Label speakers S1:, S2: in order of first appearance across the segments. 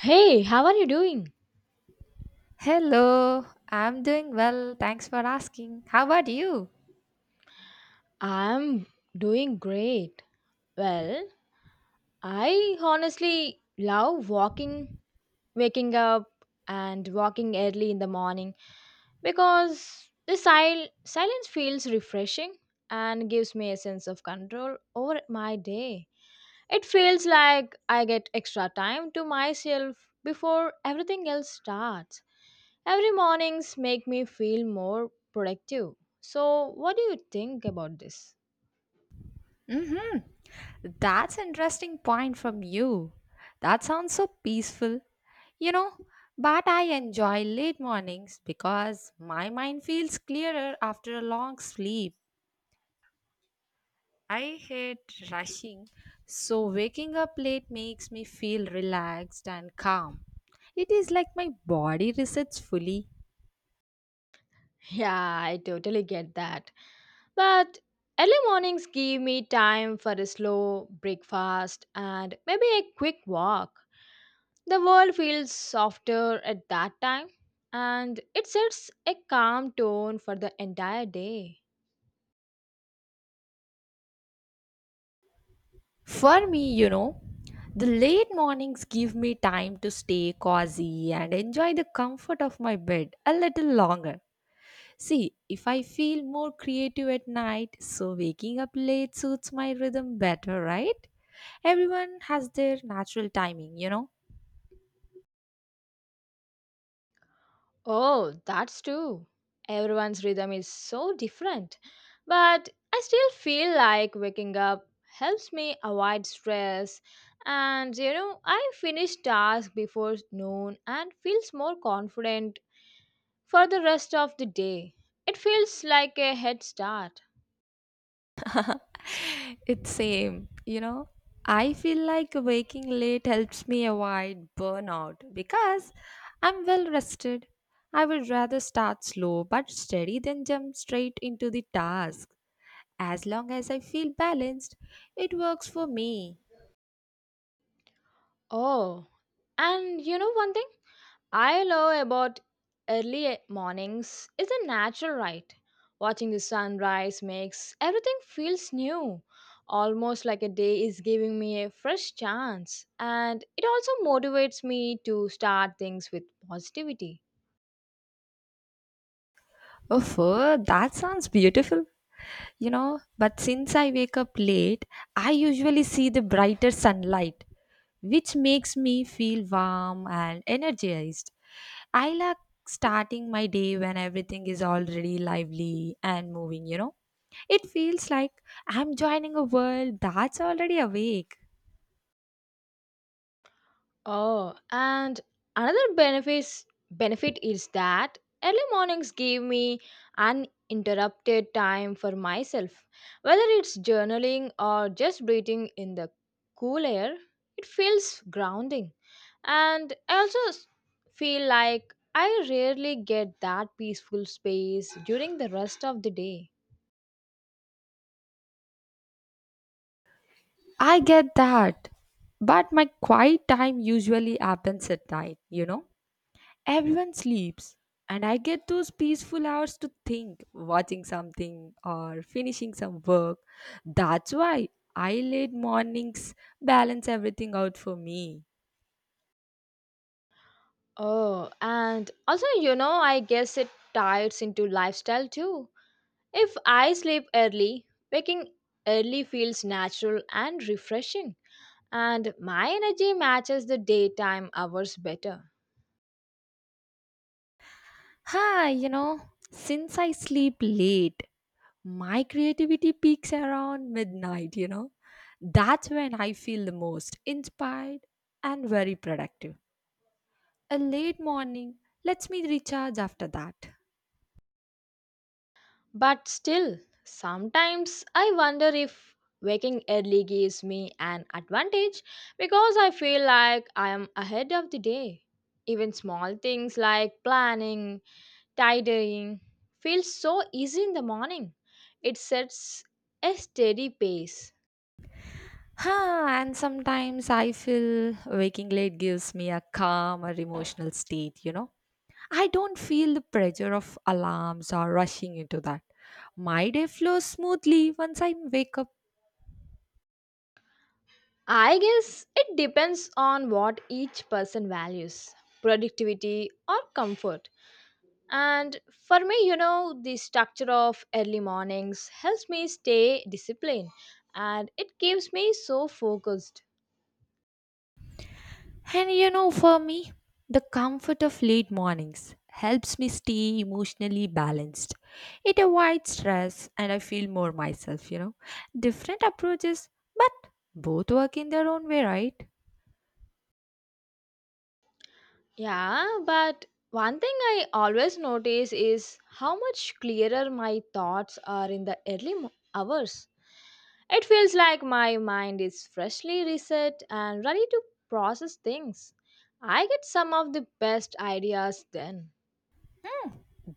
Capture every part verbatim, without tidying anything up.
S1: Hey, how are you doing?
S2: Hello, I'm doing well. Thanks for asking. How about you?
S1: I'm doing great. Well, I honestly love walking, waking up, and walking early in the morning because the sil- silence feels refreshing and gives me a sense of control over my day. It feels like I get extra time to myself before everything else starts. Every mornings make me feel more productive. So, what do you think about this?
S2: That's interesting point from you. That sounds so peaceful. You know, but I enjoy late mornings because my mind feels clearer after a long sleep. I hate rushing, so waking up late makes me feel relaxed and calm. It is like my body resets fully.
S1: Yeah, I totally get that. But early mornings give me time for a slow breakfast and maybe a quick walk. The world feels softer at that time and it sets a calm tone for the entire day.
S2: For me, you know, the late mornings give me time to stay cozy and enjoy the comfort of my bed a little longer. See, if I feel more creative at night, so waking up late suits my rhythm better, right? Everyone has their natural timing, you know.
S1: Oh, that's true. Everyone's rhythm is so different. But I still feel like waking up helps me avoid stress. And you know, I finish tasks before noon and feels more confident for the rest of the day. It feels like a head start.
S2: It's same, you know. I feel like waking late helps me avoid burnout because I'm well rested. I would rather start slow but steady than jump straight into the task. As long as I feel balanced, it works for me.
S1: Oh, and you know one thing? I love about early mornings is a natural right. Watching the sunrise makes everything feels new, almost like a day is giving me a fresh chance, and it also motivates me to start things with positivity.
S2: Oh, that sounds beautiful. You know, but since I wake up late, I usually see the brighter sunlight, which makes me feel warm and energized. I like starting my day when everything is already lively and moving, you know. It feels like I'm joining a world that's already awake.
S1: Oh, and another benefits benefit is that early mornings give me uninterrupted time for myself. Whether it's journaling or just breathing in the cool air, it feels grounding. And I also s- feel like I rarely get that peaceful space during the rest of the day.
S2: I get that, but my quiet time usually happens at night, you know. Everyone sleeps, and I get those peaceful hours to think, watching something or finishing some work. That's why I late mornings balance everything out for me.
S1: Oh, and also, you know, I guess it ties into lifestyle too. If I sleep early, waking early feels natural and refreshing, and my energy matches the daytime hours better.
S2: Ha! You know, since I sleep late, my creativity peaks around midnight, you know. That's when I feel the most inspired and very productive. A late morning lets me recharge after that.
S1: But still, sometimes I wonder if waking early gives me an advantage because I feel like I am ahead of the day. Even small things like planning, tidying feel so easy in the morning. It sets a steady pace.
S2: Huh, and sometimes I feel waking late gives me a calmer emotional state, you know. I don't feel the pressure of alarms or rushing into that. My day flows smoothly once I wake up.
S1: I guess it depends on what each person values productivity or comfort. And for me, you know, the structure of early mornings helps me stay disciplined and it keeps me so focused.
S2: And you know, for me, the comfort of late mornings helps me stay emotionally balanced. It avoids stress and I feel more myself, you know. Different approaches, but both work in their own way, right?
S1: Yeah, but one thing I always notice is how much clearer my thoughts are in the early mo- hours. It feels like my mind is freshly reset and ready to process things. I get some of the best ideas then.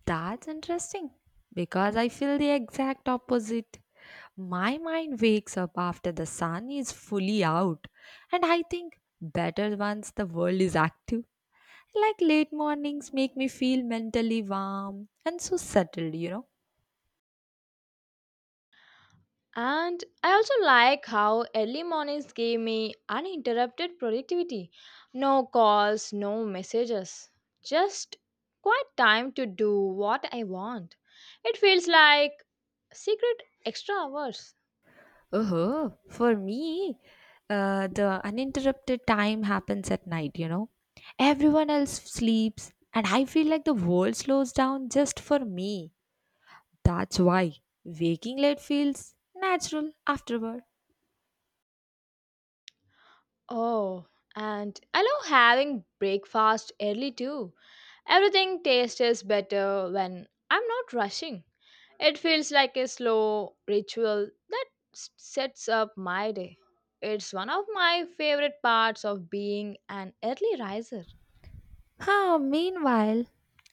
S2: That's interesting because I feel the exact opposite. My mind wakes up after the sun is fully out, and I think better once the world is active. Like late mornings make me feel mentally warm and so settled, you know.
S1: And I also like how early mornings gave me uninterrupted productivity. No calls, no messages. Just quite time to do what I want. It feels like secret extra hours.
S2: Oh, for me, uh, the uninterrupted time happens at night, you know. Everyone else sleeps, and I feel like the world slows down just for me. That's why waking late feels natural afterward.
S1: Oh, and I love having breakfast early too. Everything tastes better when I'm not rushing. It feels like a slow ritual that s- sets up my day. It's one of my favorite parts of being an early riser.
S2: Huh, meanwhile,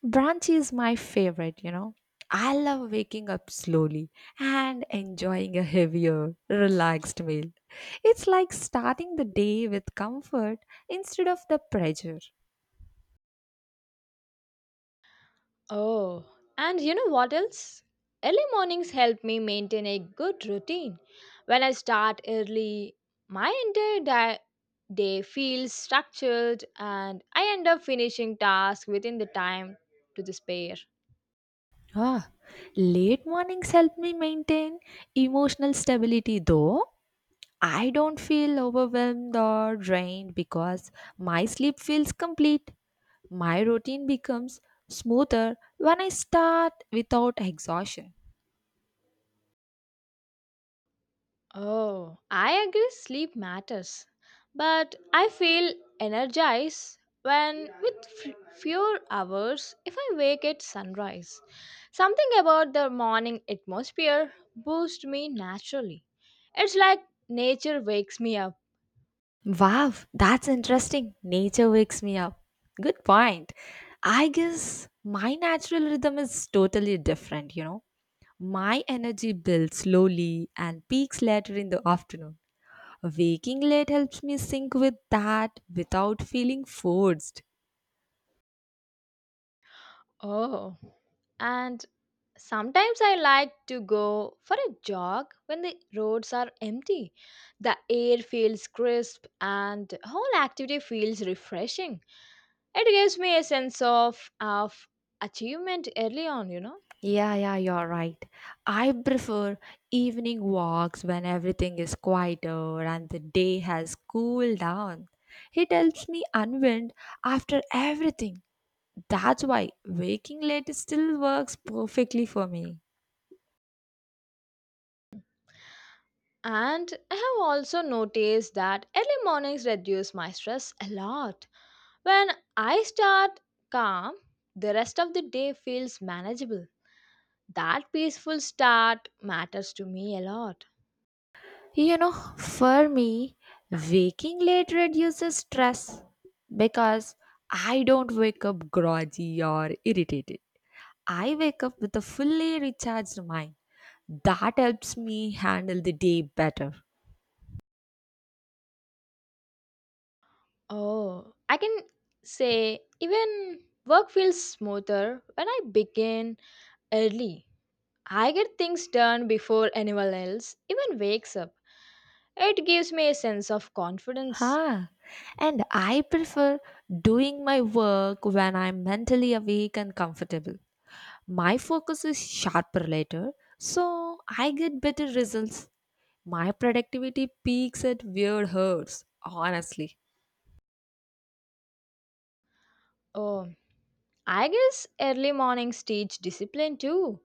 S2: brunch is my favorite, you know. I love waking up slowly and enjoying a heavier, relaxed meal. It's like starting the day with comfort instead of the pressure.
S1: Oh, and you know what else? Early mornings help me maintain a good routine. When I start early, my entire di- day feels structured and I end up finishing tasks within the time to the spare.
S2: Ah, late mornings help me maintain emotional stability though. I don't feel overwhelmed or drained because my sleep feels complete. My routine becomes smoother when I start without exhaustion.
S1: Oh, I agree sleep matters. But I feel energized when with f- few hours if I wake at sunrise. Something about the morning atmosphere boosts me naturally. It's like nature wakes me up.
S2: Wow, that's interesting. Nature wakes me up. Good point. I guess my natural rhythm is totally different, you know. My energy builds slowly and peaks later in the afternoon. Waking late helps me sync with that without feeling forced.
S1: Oh, and sometimes I like to go for a jog when the roads are empty. The air feels crisp and whole activity feels refreshing. It gives me a sense of of achievement early on, you know.
S2: Yeah, yeah, you're right. I prefer evening walks when everything is quieter and the day has cooled down. It helps me unwind after everything. That's why waking late still works perfectly for me.
S1: And I have also noticed that early mornings reduce my stress a lot when I start calm. The rest of the day feels manageable. That peaceful start matters to me a lot.
S2: You know, for me, waking late reduces stress because I don't wake up groggy or irritated. I wake up with a fully recharged mind. That helps me handle the day better.
S1: Oh, I can say even work feels smoother when I begin early. I get things done before anyone else even wakes up. It gives me a sense of confidence.
S2: Huh. And I prefer doing my work when I'm mentally awake and comfortable. My focus is sharper later, so I get better results. My productivity peaks at weird hours, honestly.
S1: Oh, I guess early mornings teach discipline too.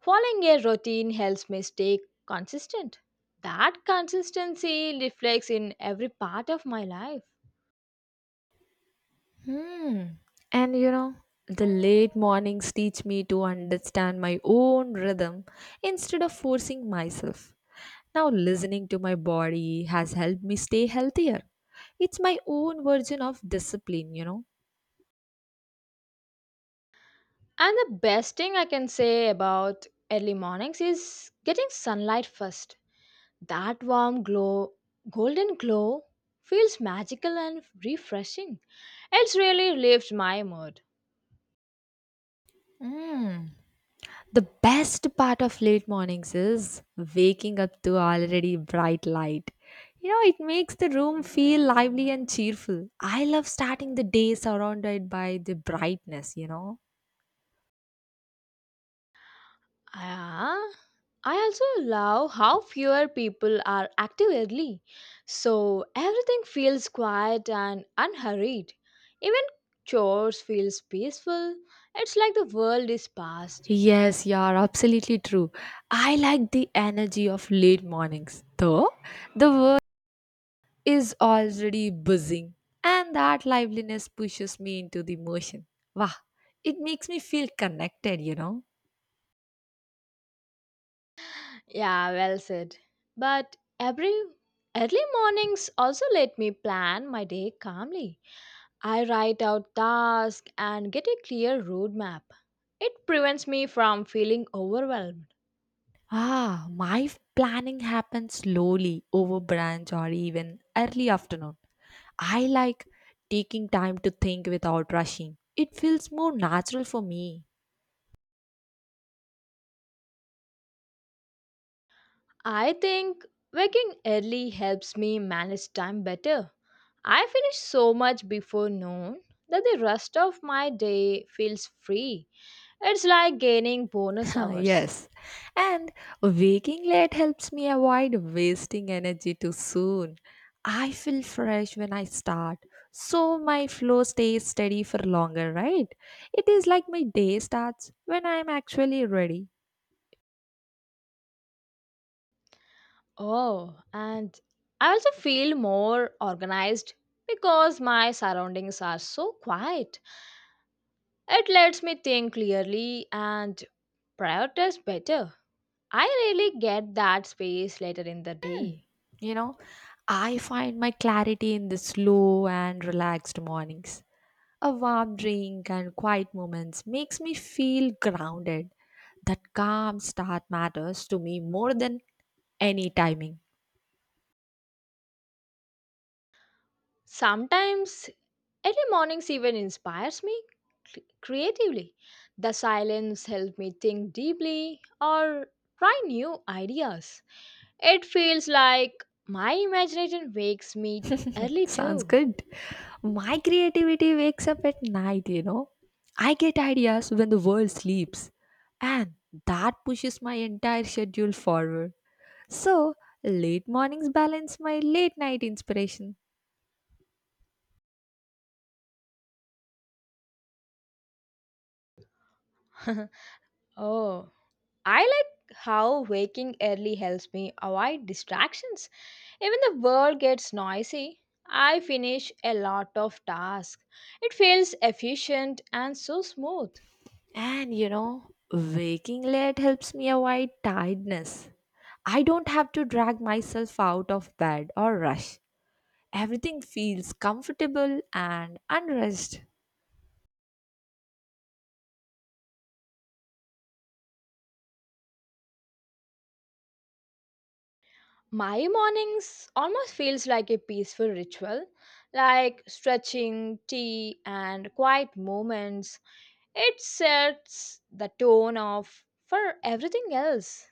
S1: Following a routine helps me stay consistent. That consistency reflects in every part of my life.
S2: Hmm. And you know, the late mornings teach me to understand my own rhythm instead of forcing myself. Now, listening to my body has helped me stay healthier. It's my own version of discipline, you know.
S1: And the best thing I can say about early mornings is getting sunlight first. That warm glow, golden glow, feels magical and refreshing. It's really lifts my mood.
S2: Mm. The best part of late mornings is waking up to already bright light. You know, it makes the room feel lively and cheerful. I love starting the day surrounded by the brightness, you know.
S1: Ah, I also love how fewer people are active early, so everything feels quiet and unhurried. Even chores feels peaceful. It's like the world is past.
S2: Yes, you are absolutely true. I like the energy of late mornings. Though the is already buzzing and that liveliness pushes me into the motion. Wow, it makes me feel connected, you know.
S1: Yeah, well said. But every early mornings also let me plan my day calmly. I write out tasks and get a clear roadmap. It prevents me from feeling overwhelmed.
S2: Ah, my f- planning happens slowly over brunch or even early afternoon. I like taking time to think without rushing. It feels more natural for me.
S1: I think waking early helps me manage time better. I finish so much before noon that the rest of my day feels free. It's like gaining bonus hours.
S2: Yes. And waking late helps me avoid wasting energy too soon. I feel fresh when I start, so my flow stays steady for longer, right? It is like my day starts when I'm actually ready.
S1: Oh, and I also feel more organized because my surroundings are so quiet. It lets me think clearly and prioritize better. I really get that space later in the day.
S2: You know, I find my clarity in the slow and relaxed mornings. A warm drink and quiet moments makes me feel grounded. That calm start matters to me more than any timing.
S1: Sometimes early mornings even inspires me cre- creatively. The silence helps me think deeply or try new ideas. It feels like my imagination wakes me early
S2: Sounds
S1: too.
S2: good. My creativity wakes up at night, you know. I get ideas when the world sleeps, and that pushes my entire schedule forward. So, late mornings balance my late night inspiration.
S1: Oh, I like how waking early helps me avoid distractions. Even the world gets noisy. I finish a lot of tasks. It feels efficient and so smooth.
S2: And you know, waking late helps me avoid tiredness. I don't have to drag myself out of bed or rush. Everything feels comfortable and unrest.
S1: My mornings almost feels like a peaceful ritual, like stretching, tea, and quiet moments. It sets the tone of for everything else.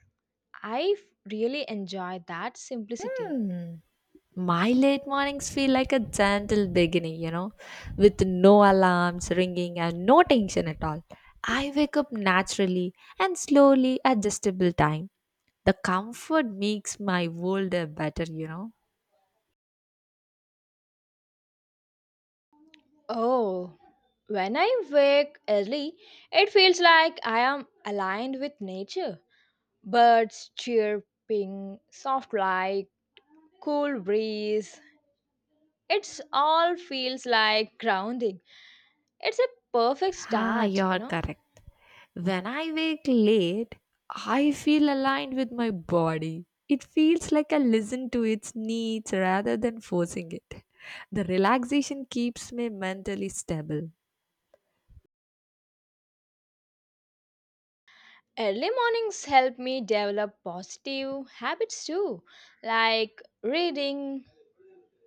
S1: I f- really enjoy that simplicity.
S2: Hmm. My late mornings feel like a gentle beginning, you know, with no alarms ringing and no tension at all. I wake up naturally and slowly adjustable time. The comfort makes my world a better, you know.
S1: Oh, when I wake early, it feels like I am aligned with nature. Birds chirping, soft light, cool breeze. It's all feels like grounding. It's a perfect
S2: Ah,
S1: start, you
S2: you're
S1: know.
S2: correct. When I wake late, I feel aligned with my body. It feels like I listen to its needs rather than forcing it. The relaxation keeps me mentally stable.
S1: Early mornings help me develop positive habits too, like reading,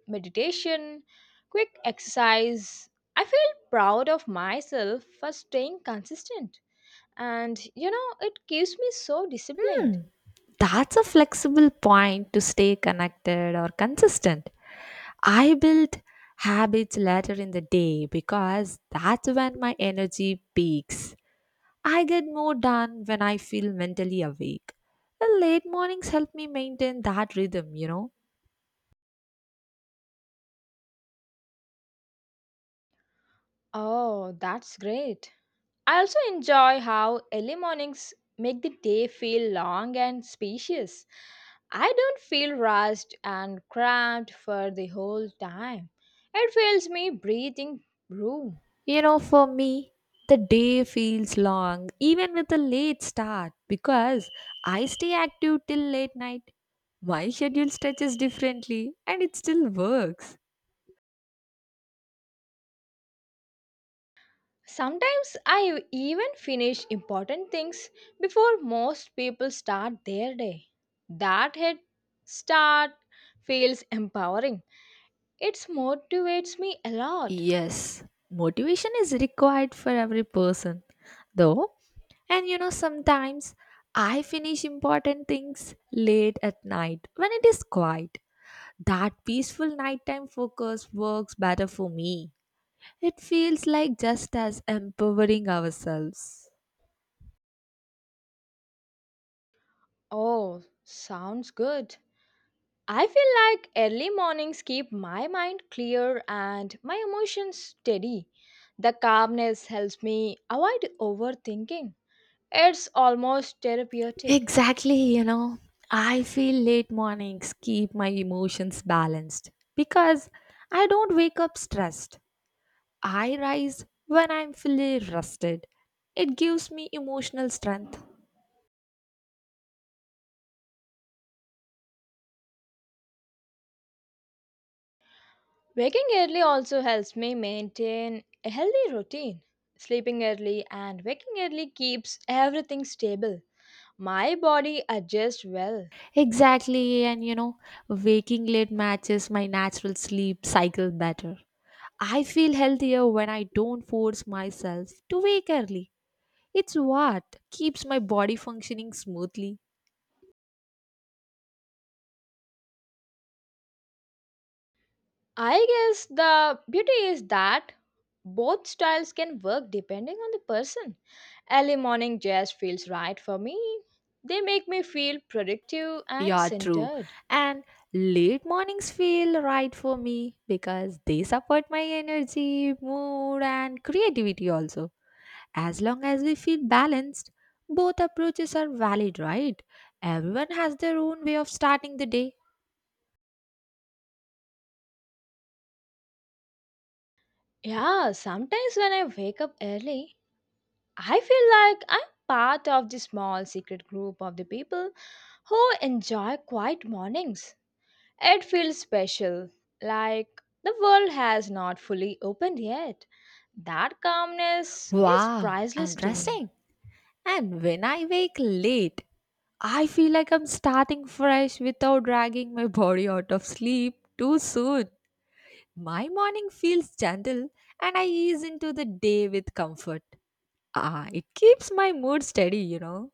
S1: meditation, quick exercise. I feel proud of myself for staying consistent. And you know, it keeps me so disciplined.
S2: Hmm. That's a flexible point to stay connected or consistent. I built habits later in the day because that's when my energy peaks. I get more done when I feel mentally awake. The late mornings help me maintain that rhythm, you know.
S1: Oh, that's great. I also enjoy how early mornings make the day feel long and spacious. I don't feel rushed and cramped for the whole time. It fills me breathing room.
S2: You know, for me, the day feels long even with a late start because I stay active till late night. My schedule stretches differently and it still works.
S1: Sometimes I even finish important things before most people start their day. That head start feels empowering. It motivates me a lot.
S2: Yes, motivation is required for every person, though. And you know, sometimes I finish important things late at night when it is quiet. That peaceful nighttime focus works better for me. It feels like just as empowering ourselves.
S1: Oh, sounds good. I feel like early mornings keep my mind clear and my emotions steady. The calmness helps me avoid overthinking. It's almost therapeutic.
S2: Exactly, you know, I feel late mornings keep my emotions balanced because I don't wake up stressed. I rise when I'm fully rested. It gives me emotional strength.
S1: Waking early also helps me maintain a healthy routine. Sleeping early and waking early keeps everything stable. My body adjusts well.
S2: Exactly, and you know, waking late matches my natural sleep cycle better. I feel healthier when I don't force myself to wake early. It's what keeps my body functioning smoothly.
S1: I guess the beauty is that both styles can work depending on the person. Early morning jazz feels right for me. They make me feel productive and
S2: Yeah, true.
S1: centered.
S2: And late mornings feel right for me because they support my energy, mood, and creativity also. As long as we feel balanced, both approaches are valid, right? Everyone has their own way of starting the day.
S1: Yeah, sometimes when I wake up early, I feel like I'm part of the small secret group of the people who enjoy quiet mornings. It feels special, like the world has not fully opened yet. That calmness is
S2: Wow,
S1: priceless to me.
S2: interesting. And when I wake late, I feel like I'm starting fresh without dragging my body out of sleep too soon. My morning feels gentle and I ease into the day with comfort. Ah, it keeps my mood steady, you know.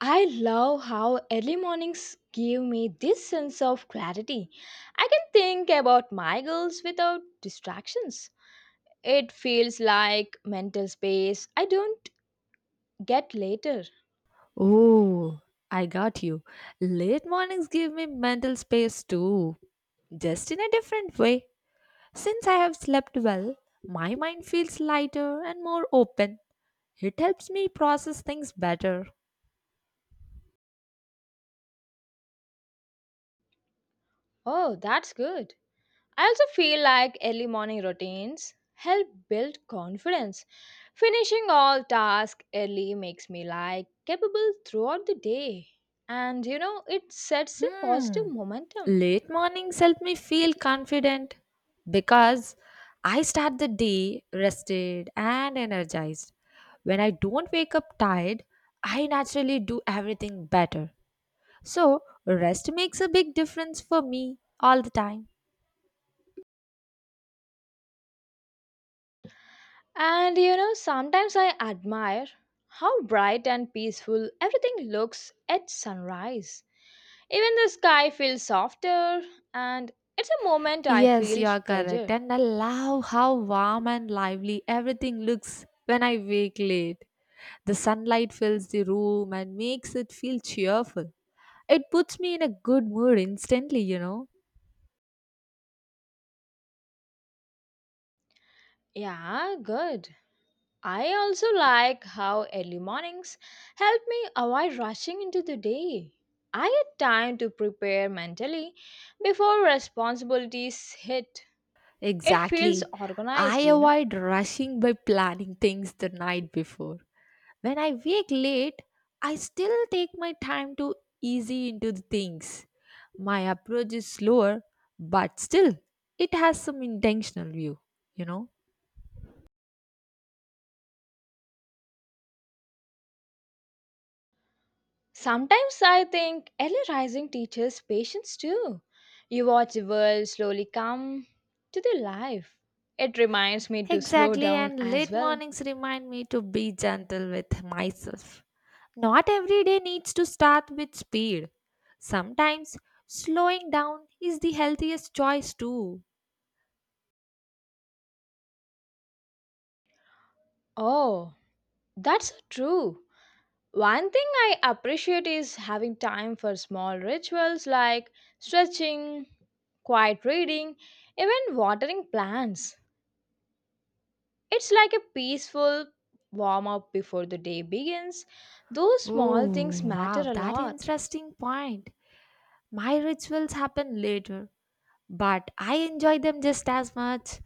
S1: I love how early mornings give me this sense of clarity. I can think about my goals without distractions. It feels like mental space I don't get later.
S2: Oh, I got you. Late mornings give me mental space too. Just in a different way. Since I have slept well, my mind feels lighter and more open. It helps me process things better.
S1: Oh, that's good. I also feel like early morning routines help build confidence. Finishing all tasks early makes me like capable throughout the day. And you know, it sets a
S2: Hmm.
S1: positive momentum.
S2: Late mornings help me feel confident because I start the day rested and energized. When I don't wake up tired, I naturally do everything better. So, rest makes a big difference for me all the time.
S1: And you know, sometimes I admire how bright and peaceful everything looks at sunrise. Even the sky feels softer, and it's a moment I
S2: Yes,
S1: feel
S2: you are correct.
S1: treasure.
S2: And I love how warm and lively everything looks when I wake late. The sunlight fills the room and makes it feel cheerful. It puts me in a good mood instantly, you know.
S1: Yeah, good. I also like how early mornings help me avoid rushing into the day. I get time to prepare mentally before responsibilities hit. It feels
S2: Exactly. I
S1: organized, you know.
S2: avoid rushing by planning things the night before. When I wake late, I still take my time to easy into the things. My approach is slower, but still, it has some intentional view, you know.
S1: Sometimes I think early rising teaches patience too. You watch the world slowly come to their life. It reminds me to slow
S2: Exactly,
S1: down
S2: and
S1: as
S2: late
S1: well.
S2: mornings remind me to be gentle with myself. Not every day needs to start with speed. Sometimes slowing down is the healthiest choice, too.
S1: Oh, that's so true. One thing I appreciate is having time for small rituals like stretching, quiet reading, even watering plants. It's like a peaceful warm up before the day begins. Those
S2: Oh,
S1: small things matter
S2: wow,
S1: a
S2: that
S1: lot.
S2: interesting point. My rituals happen later, but I enjoy them just as much.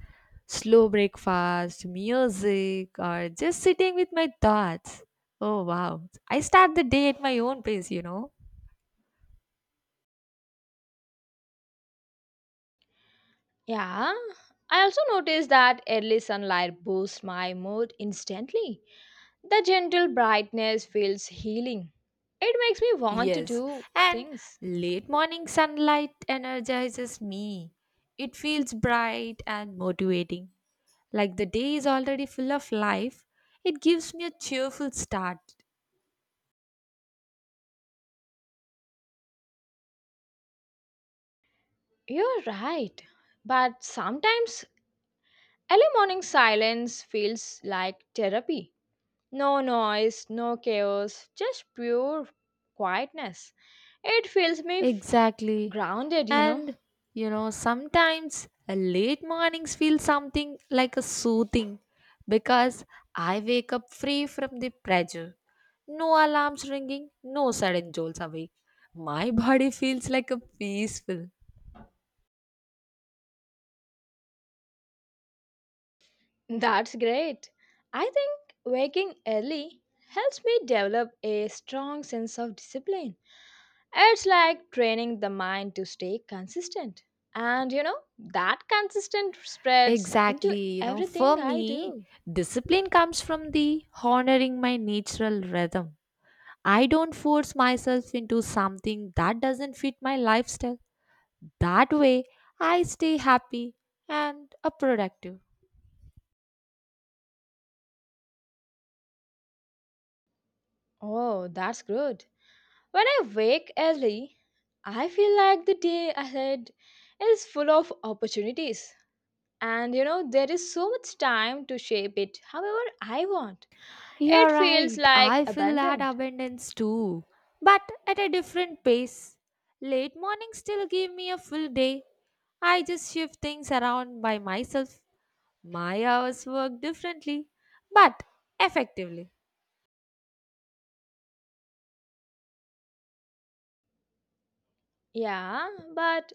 S2: Slow breakfast, music, or just sitting with my thoughts. Oh, wow. I start the day at my own pace, you know.
S1: Yeah, I also noticed that early sunlight boosts my mood instantly. The gentle brightness feels healing. It makes me want to
S2: Yes,
S1: do
S2: and
S1: things.
S2: late morning sunlight energizes me. It feels bright and motivating. Like the day is already full of life, it gives me a cheerful start.
S1: You're right. But sometimes early morning silence feels like therapy. No noise, no chaos, just pure quietness. It feels me f-
S2: Exactly.
S1: grounded, you know.
S2: And you know, sometimes a late mornings feel something like a soothing because I wake up free from the pressure. No alarms ringing, no sudden jolts awake. My body feels like a peaceful.
S1: That's great. I think waking early helps me develop a strong sense of discipline. It's like training the mind to stay consistent. And you know, that consistent spreads into
S2: Exactly. You know, for
S1: everything I
S2: me,
S1: do.
S2: discipline comes from the honoring my natural rhythm. I don't force myself into something that doesn't fit my lifestyle. That way, I stay happy and uh, productive.
S1: Oh, that's good. When I wake early, I feel like the day ahead is full of opportunities. And you know, there is so much time to shape it however I want. It
S2: You're
S1: feels
S2: right.
S1: like
S2: I feel that
S1: abundant.
S2: abundance too, but at a different pace. Late mornings still give me a full day. I just shift things around by myself. My hours work differently, but effectively.
S1: Yeah, but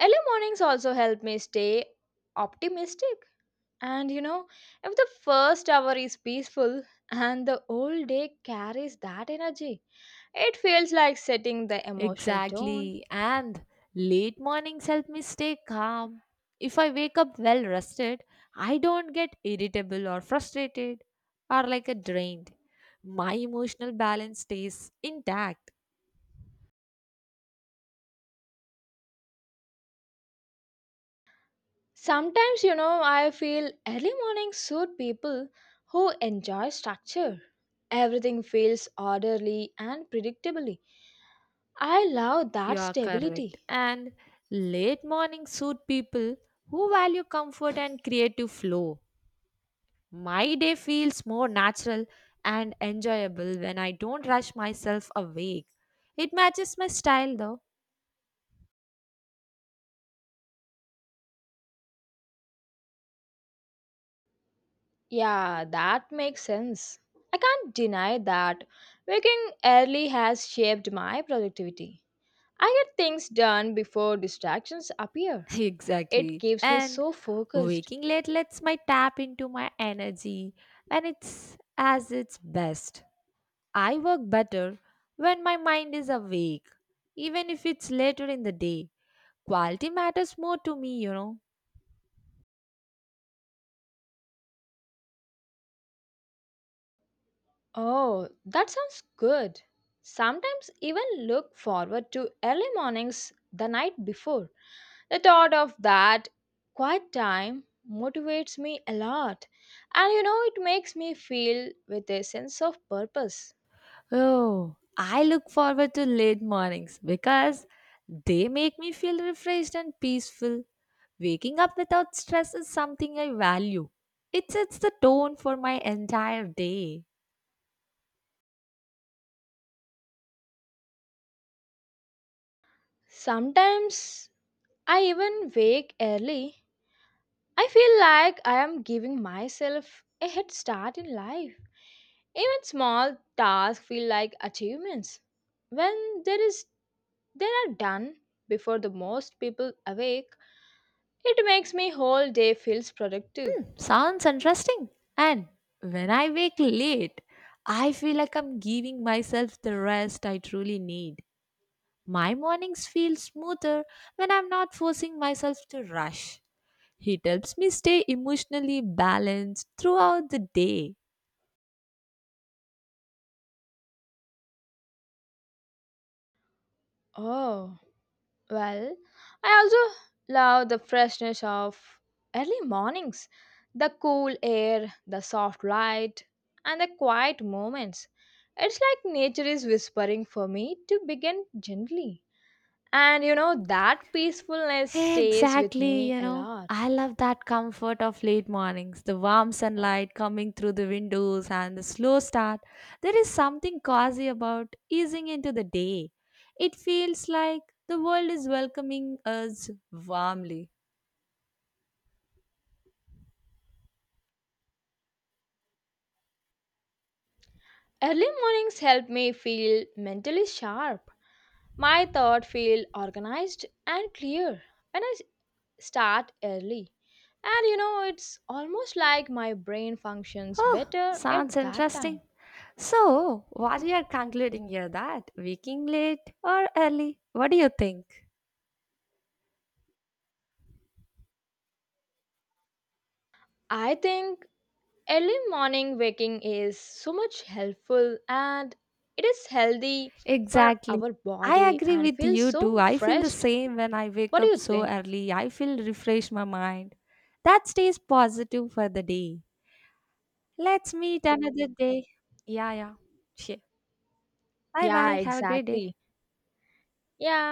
S1: early mornings also help me stay optimistic. And you know, if the first hour is peaceful and the whole day carries that energy, it feels like setting the emotional tone.
S2: Exactly. And late mornings help me stay calm. If I wake up well rested, I don't get irritable or frustrated or like a drained. My emotional balance stays intact.
S1: Sometimes, you know, I feel early mornings suit people who enjoy structure. Everything feels orderly and predictably. I love
S2: You
S1: that
S2: are correct.
S1: stability.
S2: And late mornings suit people who value comfort and creative flow. My day feels more natural and enjoyable when I don't rush myself awake. It matches my style though.
S1: Yeah, that makes sense. I can't deny that waking early has shaped my productivity. I get things done before distractions appear. It
S2: Exactly.
S1: keeps me
S2: And
S1: so focused.
S2: waking late lets my tap into my energy when it's as its best. I work better when my mind is awake, even if it's later in the day. Quality matters more to me, you know.
S1: Oh, that sounds good. Sometimes even look forward to early mornings the night before. The thought of that quiet time motivates me a lot, and you know, it makes me feel with a sense of purpose.
S2: Oh, I look forward to late mornings because they make me feel refreshed and peaceful. Waking up without stress is something I value. It sets the tone for my entire day.
S1: Sometimes I even wake early. I feel like I am giving myself a head start in life. Even small tasks feel like achievements when there is they are done before the most people awake. It makes me whole day feels productive.
S2: Sounds interesting. And when I wake late, I feel like I'm giving myself the rest I truly need. My mornings feel smoother when I'm not forcing myself to rush. It helps me stay emotionally balanced throughout the day.
S1: Oh, well, I also love the freshness of early mornings, the cool air, the soft light, and the quiet moments. It's like nature is whispering for me to begin gently. And you know, that peacefulness stays with
S2: Exactly,
S1: me
S2: you
S1: a
S2: know.
S1: lot.
S2: I love that comfort of late mornings, the warm sunlight coming through the windows and the slow start. There is something cozy about easing into the day. It feels like the world is welcoming us warmly.
S1: Early mornings help me feel mentally sharp. My thoughts feel organized and clear when I s- start early. And you know, it's almost like my brain functions
S2: Oh,
S1: better
S2: sounds
S1: at that
S2: interesting.
S1: time.
S2: So, what you are concluding here that waking late or early? What do you think?
S1: I think early morning waking is so much helpful and it is healthy for
S2: Exactly.
S1: our
S2: I
S1: body
S2: agree
S1: and
S2: with
S1: feels
S2: you too.
S1: so
S2: I feel the
S1: fresh.
S2: same when I wake
S1: What do
S2: up
S1: you
S2: so
S1: think?
S2: early. I feel refresh my mind. That stays positive for the day. Let's meet another day. Yeah, yeah. Sure. Bye
S1: Yeah,
S2: bye. Have a great day.
S1: exactly. Yeah,